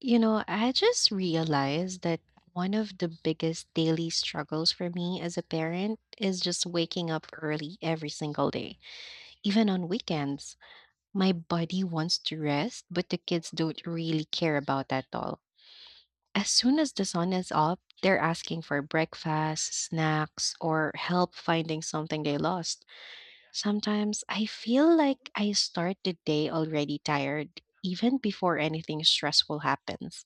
You know, I just realized that one of the biggest daily struggles for me as a parent is just waking up early every single day, even on weekends. My body wants to rest, but the kids don't really care about that at all. As soon as the sun is up, they're asking for breakfast, snacks, or help finding something they lost. Sometimes I feel like I start the day already tired, even before anything stressful happens.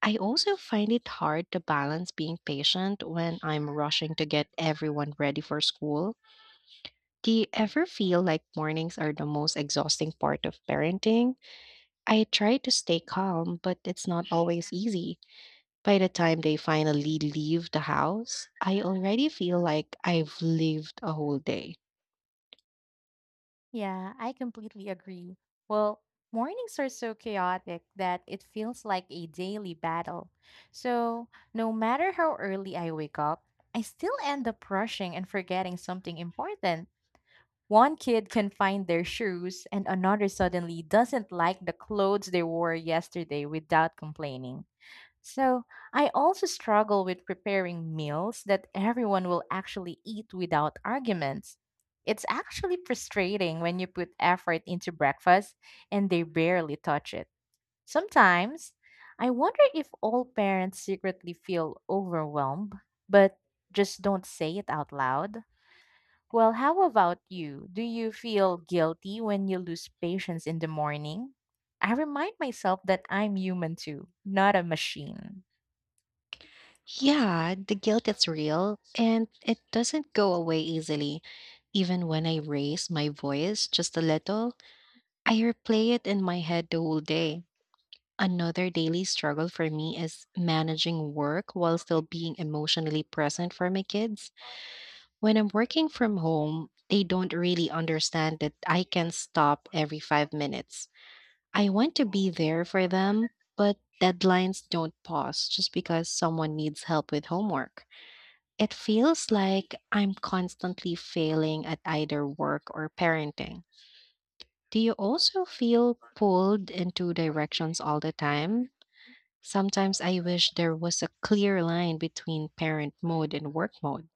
I also find it hard to balance being patient when I'm rushing to get everyone ready for school. Do you ever feel like mornings are the most exhausting part of parenting? I try to stay calm, but it's not always easy. By the time they finally leave the house, I already feel like I've lived a whole day. Yeah, I completely agree. Well, mornings are so chaotic that it feels like a daily battle. So, no matter how early I wake up, I still end up rushing and forgetting something important. One kid can find their shoes, and another suddenly doesn't like the clothes they wore yesterday without complaining. So, I also struggle with preparing meals that everyone will actually eat without arguments. It's actually frustrating when you put effort into breakfast and they barely touch it. Sometimes, I wonder if all parents secretly feel overwhelmed but just don't say it out loud. Well, how about you? Do you feel guilty when you lose patience in the morning? I remind myself that I'm human too, not a machine. Yeah, the guilt is real and it doesn't go away easily. Even when I raise my voice just a little, I replay it in my head the whole day. Another daily struggle for me is managing work while still being emotionally present for my kids. When I'm working from home, they don't really understand that I can stop every 5 minutes. I want to be there for them, but deadlines don't pause just because someone needs help with homework. It feels like I'm constantly failing at either work or parenting. Do you also feel pulled into directions all the time? Sometimes I wish there was a clear line between parent mode and work mode.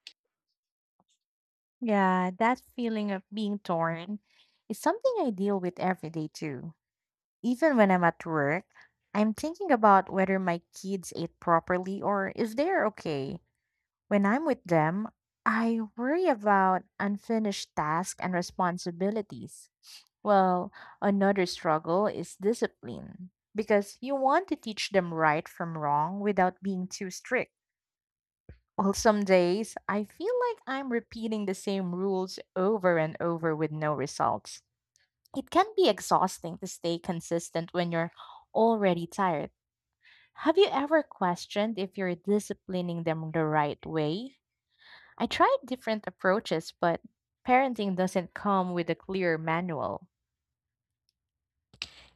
Yeah, that feeling of being torn is something I deal with every day too. Even when I'm at work, I'm thinking about whether my kids ate properly or if they're okay. When I'm with them, I worry about unfinished tasks and responsibilities. Well, another struggle is discipline because you want to teach them right from wrong without being too strict. Well, some days I feel like I'm repeating the same rules over and over with no results. It can be exhausting to stay consistent when you're already tired. Have you ever questioned if you're disciplining them the right way? I tried different approaches, but parenting doesn't come with a clear manual.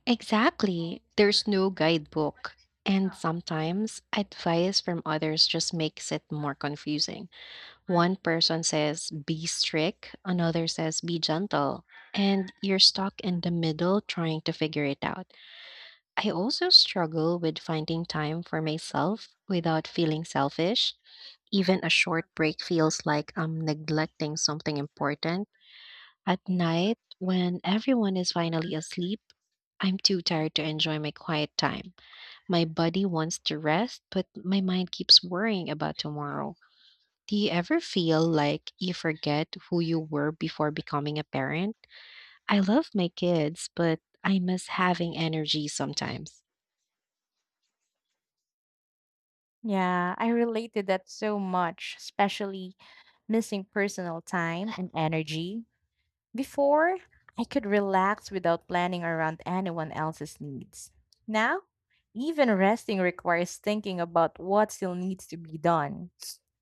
Exactly. There's no guidebook. And sometimes advice from others just makes it more confusing. One person says, be strict, another says, be gentle. And you're stuck in the middle trying to figure it out. I also struggle with finding time for myself without feeling selfish. Even a short break feels like I'm neglecting something important. At night, when everyone is finally asleep, I'm too tired to enjoy my quiet time. My body wants to rest, but my mind keeps worrying about tomorrow. Do you ever feel like you forget who you were before becoming a parent? I love my kids, but I miss having energy sometimes. Yeah, I relate to that so much, especially missing personal time and energy. Before, I could relax without planning around anyone else's needs. Now, even resting requires thinking about what still needs to be done.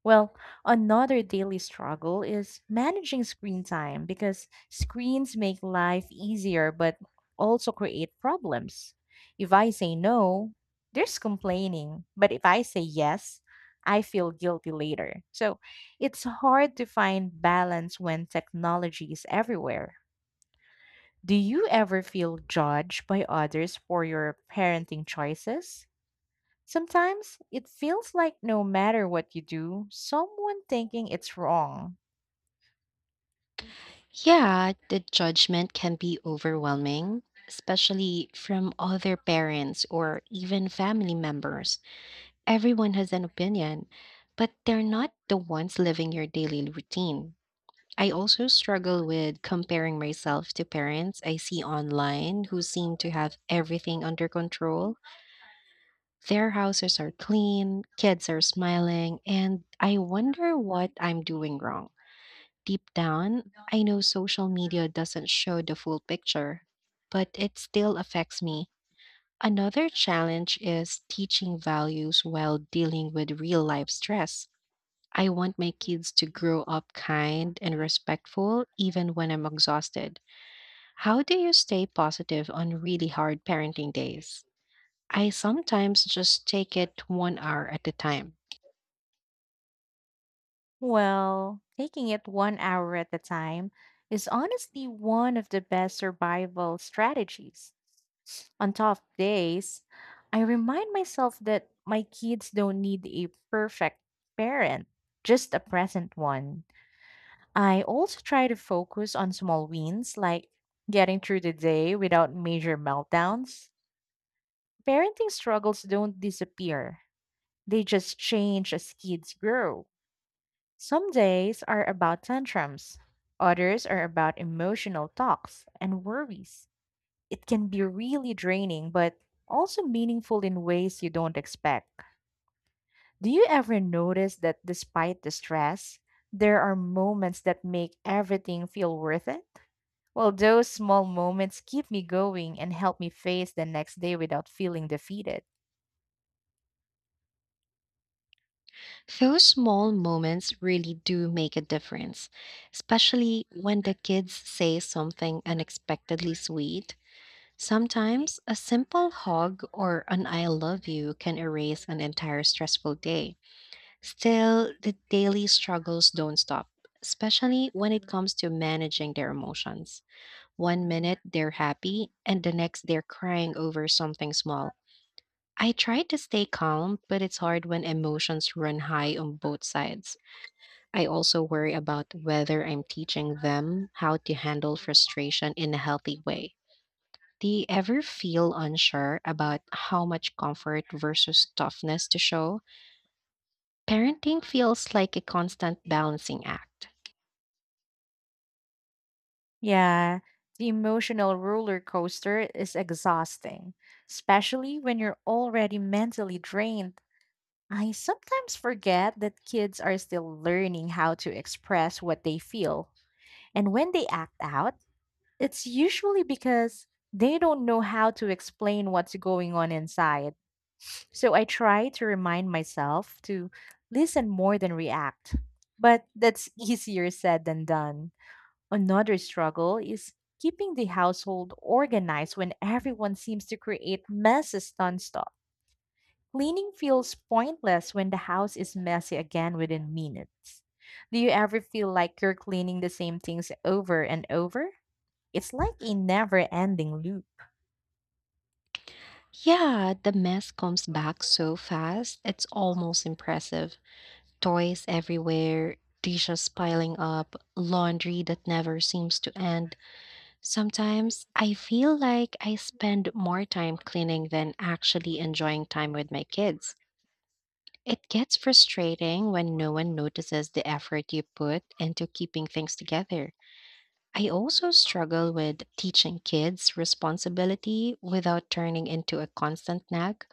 Well, another daily struggle is managing screen time because screens make life easier but also create problems. If I say no, there's complaining, but if I say yes, I feel guilty later. So, it's hard to find balance when technology is everywhere. Do you ever feel judged by others for your parenting choices? Sometimes it feels like no matter what you do, someone thinking it's wrong. Yeah, the judgment can be overwhelming, especially from other parents or even family members. Everyone has an opinion, but they're not the ones living your daily routine. I also struggle with comparing myself to parents I see online who seem to have everything under control. Their houses are clean, kids are smiling, and I wonder what I'm doing wrong. Deep down, I know social media doesn't show the full picture, but it still affects me. Another challenge is teaching values while dealing with real life stress. I want my kids to grow up kind and respectful even when I'm exhausted. How do you stay positive on really hard parenting days? I sometimes just take it one hour at a time. Well, taking it one hour at a time is honestly one of the best survival strategies. On tough days, I remind myself that my kids don't need a perfect parent, just a present one. I also try to focus on small wins like getting through the day without major meltdowns. Parenting struggles don't disappear, they just change as kids grow. Some days are about tantrums, others are about emotional talks and worries. It can be really draining, but also meaningful in ways you don't expect. Do you ever notice that despite the stress, there are moments that make everything feel worth it? Well, those small moments keep me going and help me face the next day without feeling defeated. Those small moments really do make a difference, especially when the kids say something unexpectedly sweet. Sometimes a simple hug or an I love you can erase an entire stressful day. Still, the daily struggles don't stop, especially when it comes to managing their emotions. One minute they're happy, and the next they're crying over something small. I try to stay calm, but it's hard when emotions run high on both sides. I also worry about whether I'm teaching them how to handle frustration in a healthy way. Do you ever feel unsure about how much comfort versus toughness to show? Parenting feels like a constant balancing act. Yeah, the emotional roller coaster is exhausting, especially when you're already mentally drained. I sometimes forget that kids are still learning how to express what they feel. And when they act out, it's usually because they don't know how to explain what's going on inside. So I try to remind myself to listen more than react. But that's easier said than done. Another struggle is keeping the household organized when everyone seems to create messes nonstop. Cleaning feels pointless when the house is messy again within minutes. Do you ever feel like you're cleaning the same things over and over? It's like a never ending loop. Yeah, the mess comes back so fast, it's almost impressive. Toys everywhere, dishes piling up, laundry that never seems to end. Sometimes I feel like I spend more time cleaning than actually enjoying time with my kids. It gets frustrating when no one notices the effort you put into keeping things together. I also struggle with teaching kids responsibility without turning into a constant nag.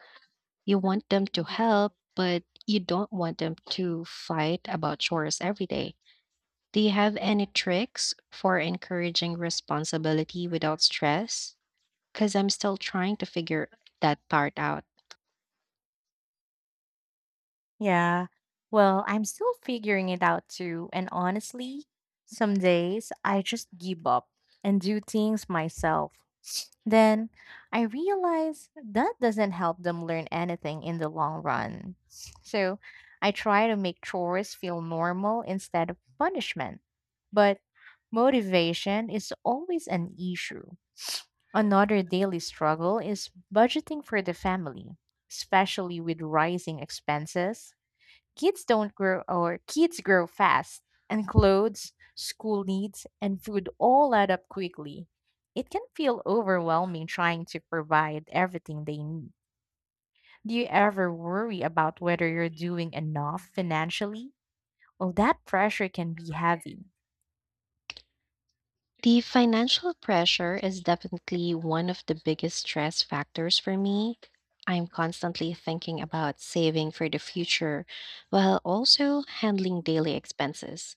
You want them to help, but you don't want them to fight about chores every day. Do you have any tricks for encouraging responsibility without stress? Because I'm still trying to figure that part out. Yeah. Well, I'm still figuring it out too. And honestly, some days I just give up and do things myself. Then I realize that doesn't help them learn anything in the long run. So I try to make chores feel normal instead of punishment. But motivation is always an issue. Another daily struggle is budgeting for the family, especially with rising expenses. Kids don't grow, or kids grow fast, and clothes, school needs, and food all add up quickly. It can feel overwhelming trying to provide everything they need. Do you ever worry about whether you're doing enough financially? Well, that pressure can be heavy. The financial pressure is definitely one of the biggest stress factors for me. I'm constantly thinking about saving for the future while also handling daily expenses.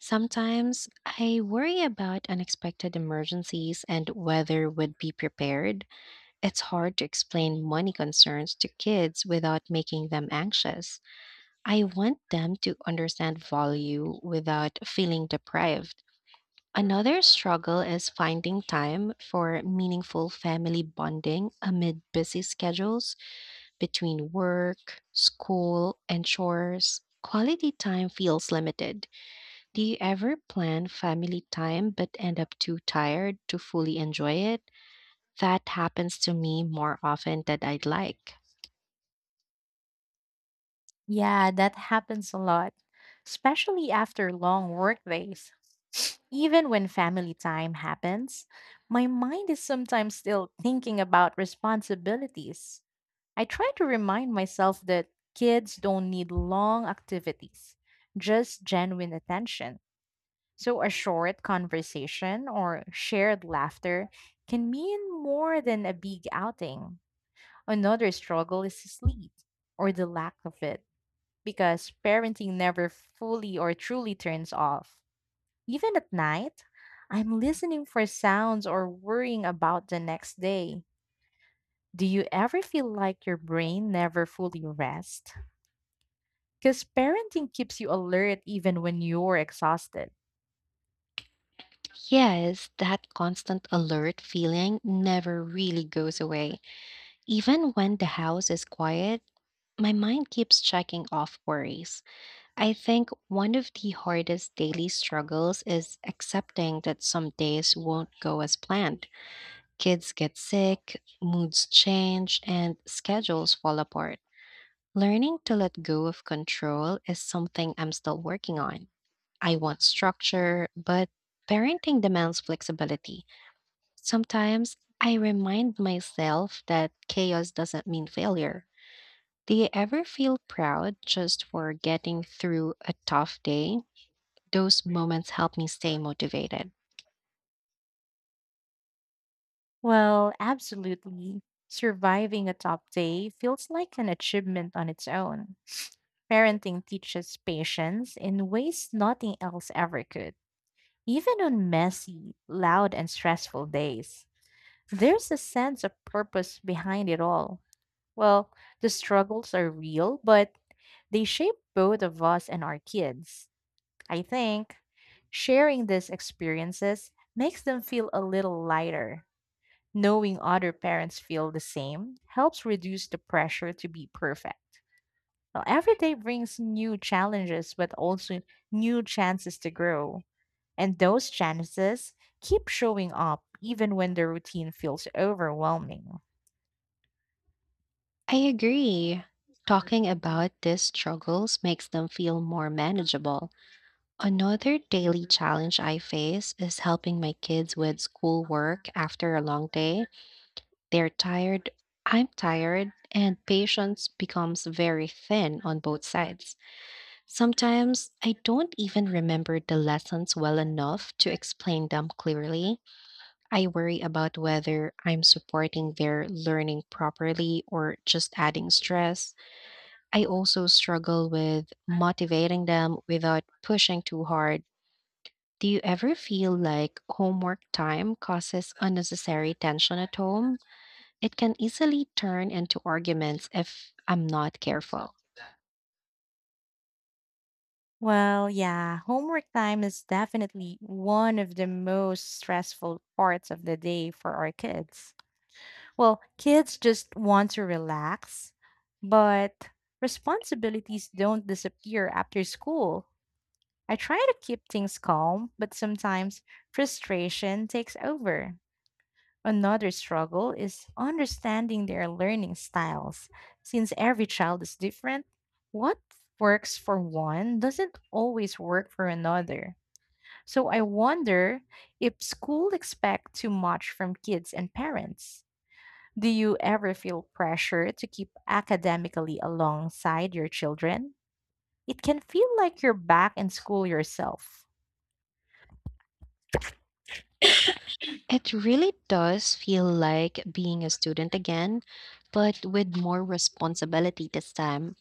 Sometimes I worry about unexpected emergencies and whether we'd be prepared. It's hard to explain money concerns to kids without making them anxious. I want them to understand value without feeling deprived. Another struggle is finding time for meaningful family bonding amid busy schedules between work, school, and chores. Quality time feels limited. Do you ever plan family time but end up too tired to fully enjoy it? That happens to me more often than I'd like. Yeah, that happens a lot, especially after long work days. Even when family time happens, my mind is sometimes still thinking about responsibilities. I try to remind myself that kids don't need long activities, just genuine attention. So, a short conversation or shared laughter can mean more than a big outing. Another struggle is sleep, or the lack of it, because parenting never fully or truly turns off. Even at night, I'm listening for sounds or worrying about the next day. Do you ever feel like your brain never fully rests? Because parenting keeps you alert even when you're exhausted. Yes, that constant alert feeling never really goes away. Even when the house is quiet, my mind keeps checking off worries. I think one of the hardest daily struggles is accepting that some days won't go as planned. Kids get sick, moods change, and schedules fall apart. Learning to let go of control is something I'm still working on. I want structure, but parenting demands flexibility. Sometimes I remind myself that chaos doesn't mean failure. Do you ever feel proud just for getting through a tough day? Those moments help me stay motivated. Well, absolutely. Surviving a tough day feels like an achievement on its own. Parenting teaches patience in ways nothing else ever could. Even on messy, loud, and stressful days, there's a sense of purpose behind it all. Well, the struggles are real, but they shape both of us and our kids. I think sharing these experiences makes them feel a little lighter. Knowing other parents feel the same helps reduce the pressure to be perfect. Well, every day brings new challenges, but also new chances to grow. And those chances keep showing up even when the routine feels overwhelming. I agree. Talking about these struggles makes them feel more manageable. Another daily challenge I face is helping my kids with schoolwork after a long day. They're tired, I'm tired, and patience becomes very thin on both sides. Sometimes I don't even remember the lessons well enough to explain them clearly. I worry about whether I'm supporting their learning properly or just adding stress. I also struggle with motivating them without pushing too hard. Do you ever feel like homework time causes unnecessary tension at home? It can easily turn into arguments if I'm not careful. Well, yeah, homework time is definitely one of the most stressful parts of the day for our kids. Well, kids just want to relax, but responsibilities don't disappear after school. I try to keep things calm, but sometimes frustration takes over. Another struggle is understanding their learning styles. Since every child is different, what works for one doesn't always work for another. So I wonder if school expect too much from kids and parents. Do you ever feel pressure to keep academically alongside your children? It can feel like you're back in school yourself. It really does feel like being a student again, but with more responsibility this time.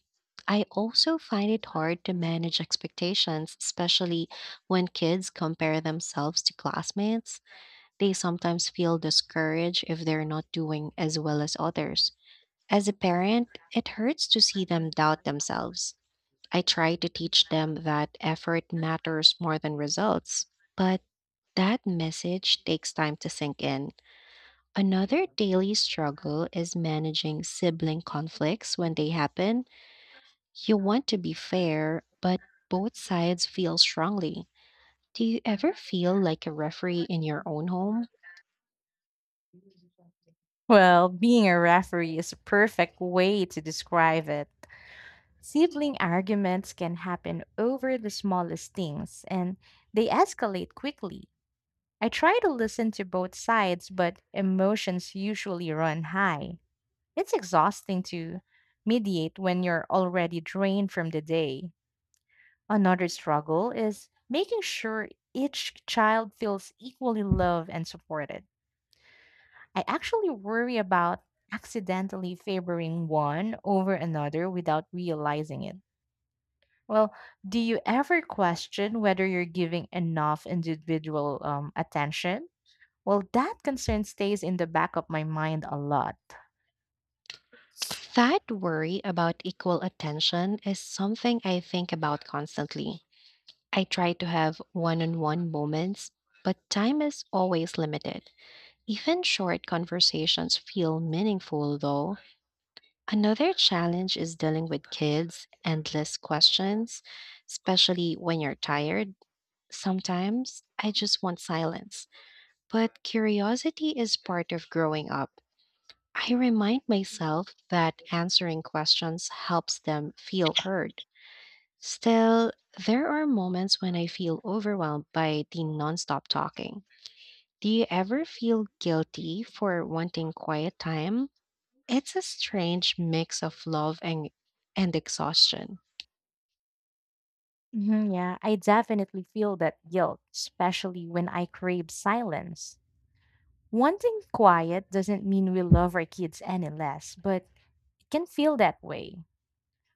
I also find it hard to manage expectations, especially when kids compare themselves to classmates. They sometimes feel discouraged if they're not doing as well as others. As a parent, it hurts to see them doubt themselves. I try to teach them that effort matters more than results, but that message takes time to sink in. Another daily struggle is managing sibling conflicts when they happen. You want to be fair, but both sides feel strongly. Do you ever feel like a referee in your own home? Well, being a referee is a perfect way to describe it. Sibling arguments can happen over the smallest things and they escalate quickly. I try to listen to both sides, but emotions usually run high. It's exhausting to mediate when you're already drained from the day. Another struggle is making sure each child feels equally loved and supported. I actually worry about accidentally favoring one over another without realizing it. Well, do you ever question whether you're giving enough individual attention? Well, that concern stays in the back of my mind a lot. That worry about equal attention is something I think about constantly. I try to have one on one moments, but time is always limited. Even short conversations feel meaningful, though. Another challenge is dealing with kids' endless questions, especially when you're tired. Sometimes I just want silence. But curiosity is part of growing up. I remind myself that answering questions helps them feel heard. Still, there are moments when I feel overwhelmed by the nonstop talking. Do you ever feel guilty for wanting quiet time? It's a strange mix of love and exhaustion. Mhm, yeah, I definitely feel that guilt, especially when I crave silence. Wanting quiet doesn't mean we love our kids any less, but it can feel that way.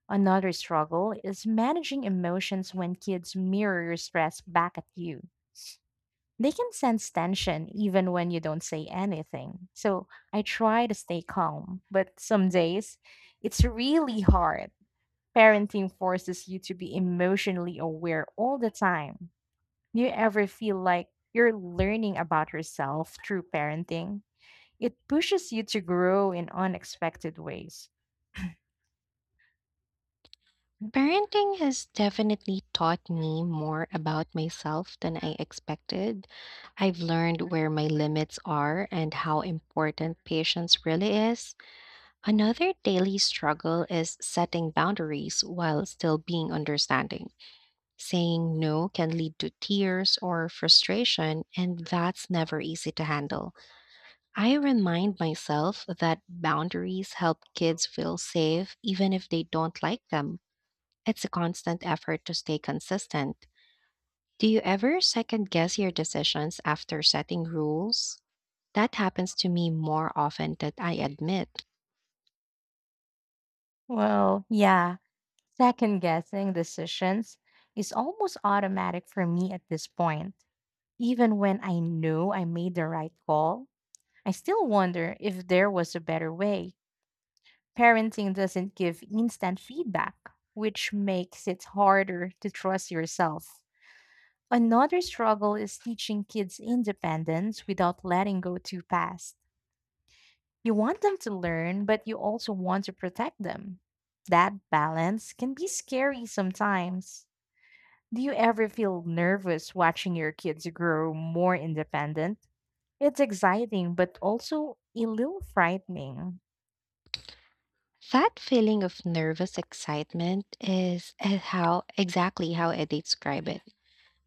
Another struggle is managing emotions when kids mirror your stress back at you. They can sense tension even when you don't say anything. So I try to stay calm, but some days it's really hard. Parenting forces you to be emotionally aware all the time. Do you ever feel like you're learning about yourself through parenting? It pushes you to grow in unexpected ways. Parenting has definitely taught me more about myself than I expected. I've learned where my limits are and how important patience really is. Another daily struggle is setting boundaries while still being understanding. Saying no can lead to tears or frustration, and that's never easy to handle. I remind myself that boundaries help kids feel safe even if they don't like them. It's a constant effort to stay consistent. Do you ever second guess your decisions after setting rules? That happens to me more often than I admit. Well, yeah, second guessing decisions is almost automatic for me at this point. Even when I know I made the right call, I still wonder if there was a better way. Parenting doesn't give instant feedback, which makes it harder to trust yourself. Another struggle is teaching kids independence without letting go too fast. You want them to learn, but you also want to protect them. That balance can be scary sometimes. Do you ever feel nervous watching your kids grow more independent? It's exciting, but also a little frightening. That feeling of nervous excitement is how exactly how I describe it.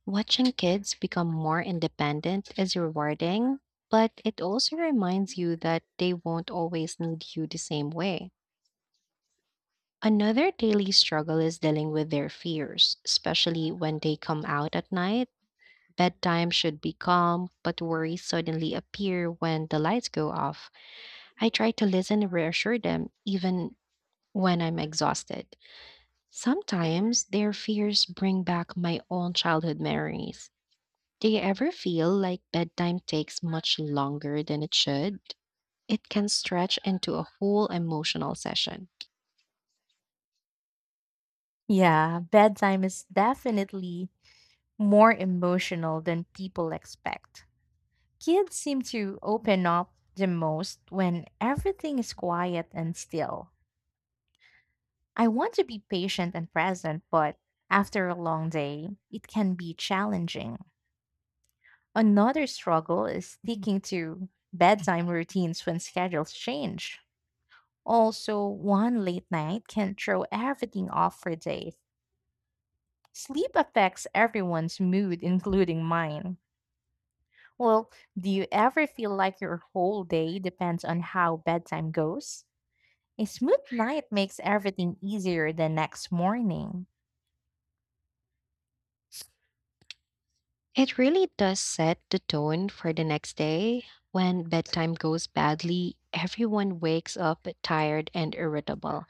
Watching kids become more independent is rewarding, but it also reminds you that they won't always need you the same way. Another daily struggle is dealing with their fears, especially when they come out at night. Bedtime should be calm, but worries suddenly appear when the lights go off. I try to listen and reassure them, even when I'm exhausted. Sometimes their fears bring back my own childhood memories. Do you ever feel like bedtime takes much longer than it should? It can stretch into a whole emotional session. Yeah, bedtime is definitely more emotional than people expect. Kids seem to open up the most when everything is quiet and still. I want to be patient and present, but after a long day, it can be challenging. Another struggle is sticking to bedtime routines when schedules change. Also, one late night can throw everything off for days. Sleep affects everyone's mood, including mine. Well, do you ever feel like your whole day depends on how bedtime goes? A smooth night makes everything easier the next morning. It really does set the tone for the next day. When bedtime goes badly, everyone wakes up tired and irritable.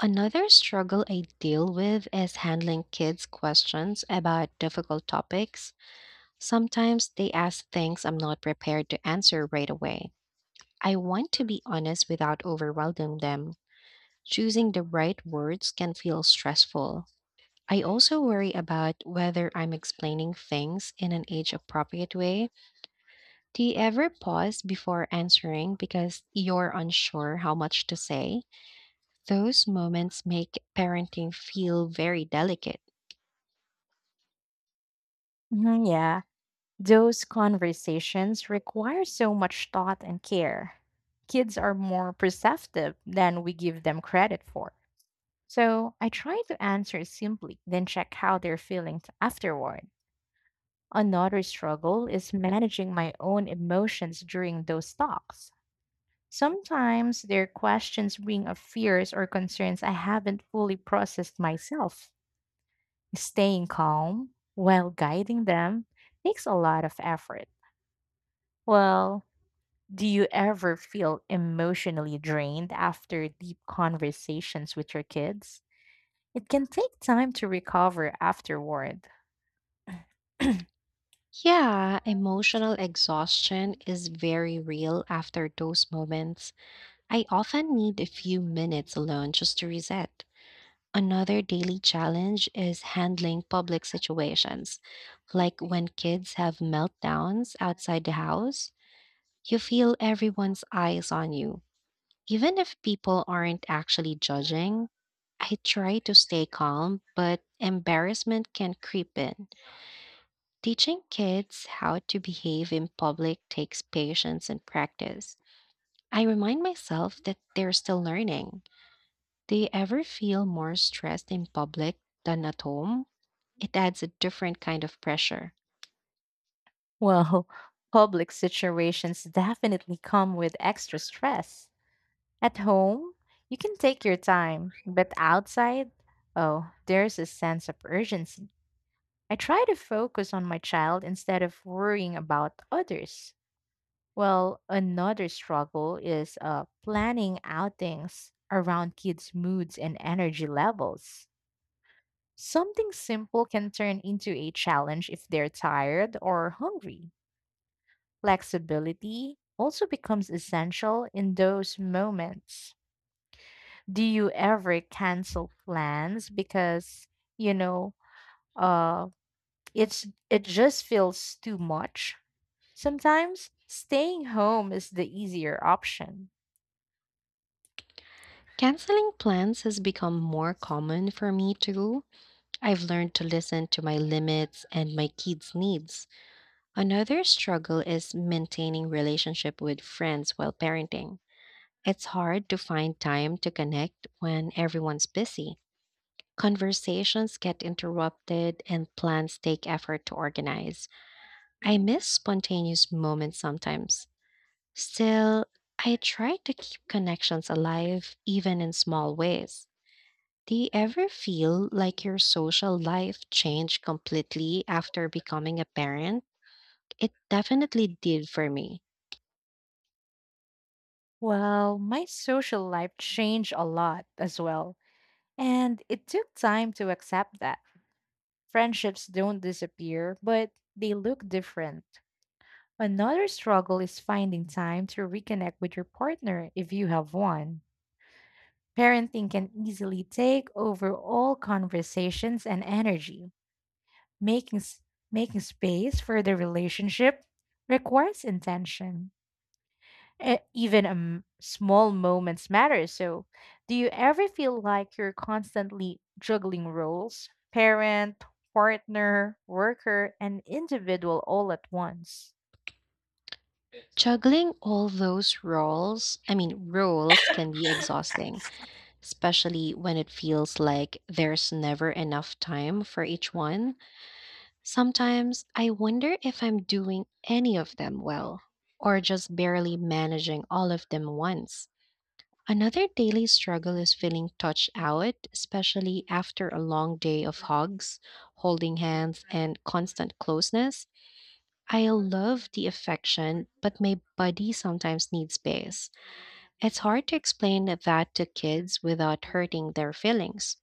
Another struggle I deal with is handling kids' questions about difficult topics. Sometimes they ask things I'm not prepared to answer right away. I want to be honest without overwhelming them. Choosing the right words can feel stressful. I also worry about whether I'm explaining things in an age appropriate way. Do you ever pause before answering because you're unsure how much to say? Those moments make parenting feel very delicate. Mhm, yeah, those conversations require so much thought and care. Kids are more perceptive than we give them credit for. So I try to answer simply, then check how they're feeling afterward. Another struggle is managing my own emotions during those talks. Sometimes their questions bring up fears or concerns I haven't fully processed myself. Staying calm while guiding them takes a lot of effort. Well, do you ever feel emotionally drained after deep conversations with your kids? It can take time to recover afterward. Yeah, emotional exhaustion is very real after those moments. I often need a few minutes alone just to reset. Another daily challenge is handling public situations, like when kids have meltdowns outside the house. You feel everyone's eyes on you. Even if people aren't actually judging, I try to stay calm, but embarrassment can creep in. Teaching kids how to behave in public takes patience and practice. I remind myself that they're still learning. Do you ever feel more stressed in public than at home? It adds a different kind of pressure. Well, public situations definitely come with extra stress. At home, you can take your time, but outside, oh, there's a sense of urgency. I try to focus on my child instead of worrying about others. Well, another struggle is planning outings around kids' moods and energy levels. Something simple can turn into a challenge if they're tired or hungry. Flexibility also becomes essential in those moments. Do you ever cancel plans because, you know, uh it just feels too much? Sometimes staying home is the easier option. Canceling plans has become more common for me too. I've learned to listen to my limits and my kids' needs. Another struggle is maintaining relationship with friends while parenting. It's hard to find time to connect when everyone's busy. Conversations get interrupted and plans take effort to organize. I miss spontaneous moments sometimes. Still, I try to keep connections alive, even in small ways. Do you ever feel like your social life changed completely after becoming a parent? It definitely did for me. Well, my social life changed a lot as well, and it took time to accept that. Friendships don't disappear, but they look different. Another struggle is finding time to reconnect with your partner if you have one. Parenting can easily take over all conversations and energy. Making, s- making space for the relationship requires intention. Even small moments matter. So, do you ever feel like you're constantly juggling roles? Parent, partner, worker, and individual all at once? Juggling all those roles, I mean, roles can be exhausting, especially when it feels like there's never enough time for each one. Sometimes I wonder if I'm doing any of them well, or just barely managing all of them once. Another daily struggle is feeling touched out, especially after a long day of hugs, holding hands, and constant closeness. I love the affection, but my body sometimes needs space. It's hard to explain that to kids without hurting their feelings.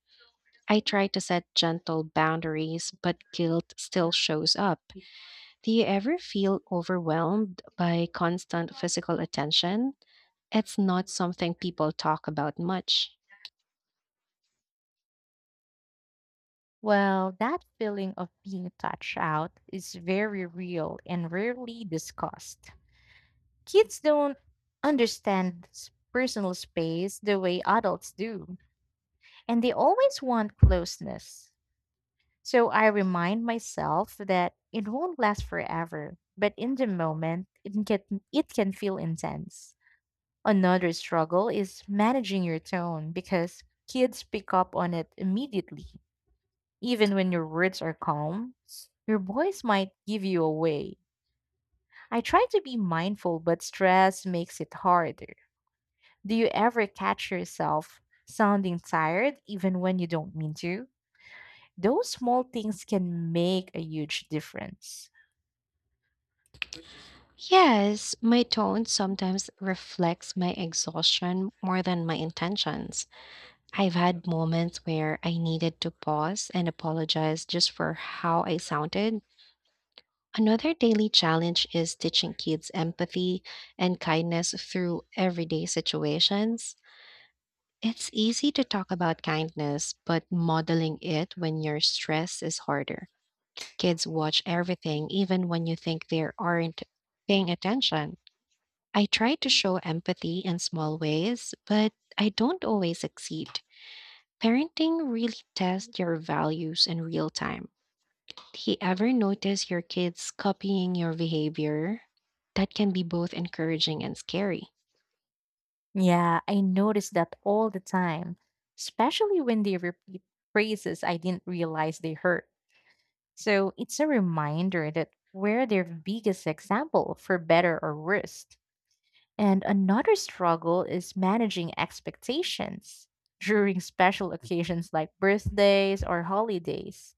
I try to set gentle boundaries, but guilt still shows up. Do you ever feel overwhelmed by constant physical attention? It's not something people talk about much. Well, that feeling of being touched out is very real and rarely discussed. Kids don't understand personal space the way adults do, and they always want closeness. So I remind myself that it won't last forever, but in the moment, it can feel intense. Another struggle is managing your tone because kids pick up on it immediately. Even when your words are calm, your voice might give you away. I try to be mindful, but stress makes it harder. Do you ever catch yourself sounding tired even when you don't mean to? Those small things can make a huge difference. Yes, my tone sometimes reflects my exhaustion more than my intentions. I've had moments where I needed to pause and apologize just for how I sounded. Another daily challenge is teaching kids empathy and kindness through everyday situations. It's easy to talk about kindness, but modeling it when you're stressed is harder. Kids watch everything, even when you think they aren't paying attention. I try to show empathy in small ways, but I don't always succeed. Parenting really tests your values in real time. Do you ever notice your kids copying your behavior? That can be both encouraging and scary. Yeah, I notice that all the time, especially when they repeat phrases I didn't realize they hurt. So it's a reminder that we're their biggest example for better or worse. And another struggle is managing expectations during special occasions like birthdays or holidays.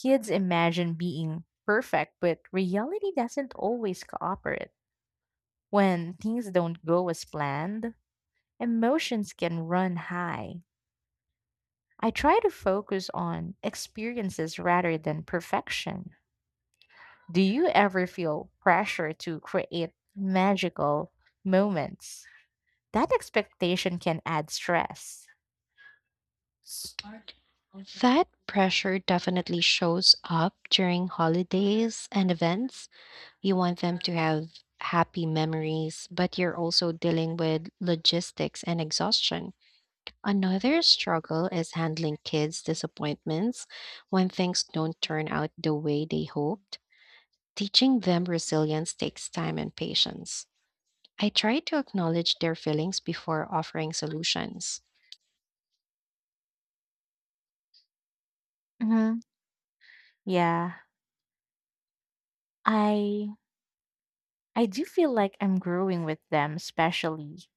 Kids imagine being perfect, but reality doesn't always cooperate. When things don't go as planned, emotions can run high. I try to focus on experiences rather than perfection. Do you ever feel pressure to create magical moments? That expectation can add stress. That pressure definitely shows up during holidays and events. You want them to have happy memories, but you're also dealing with logistics and exhaustion. Another struggle is handling kids' disappointments when things don't turn out the way they hoped. Teaching them resilience takes time and patience. I try to acknowledge their feelings before offering solutions. Hmm. Yeah, I I do feel like I'm growing with them, especially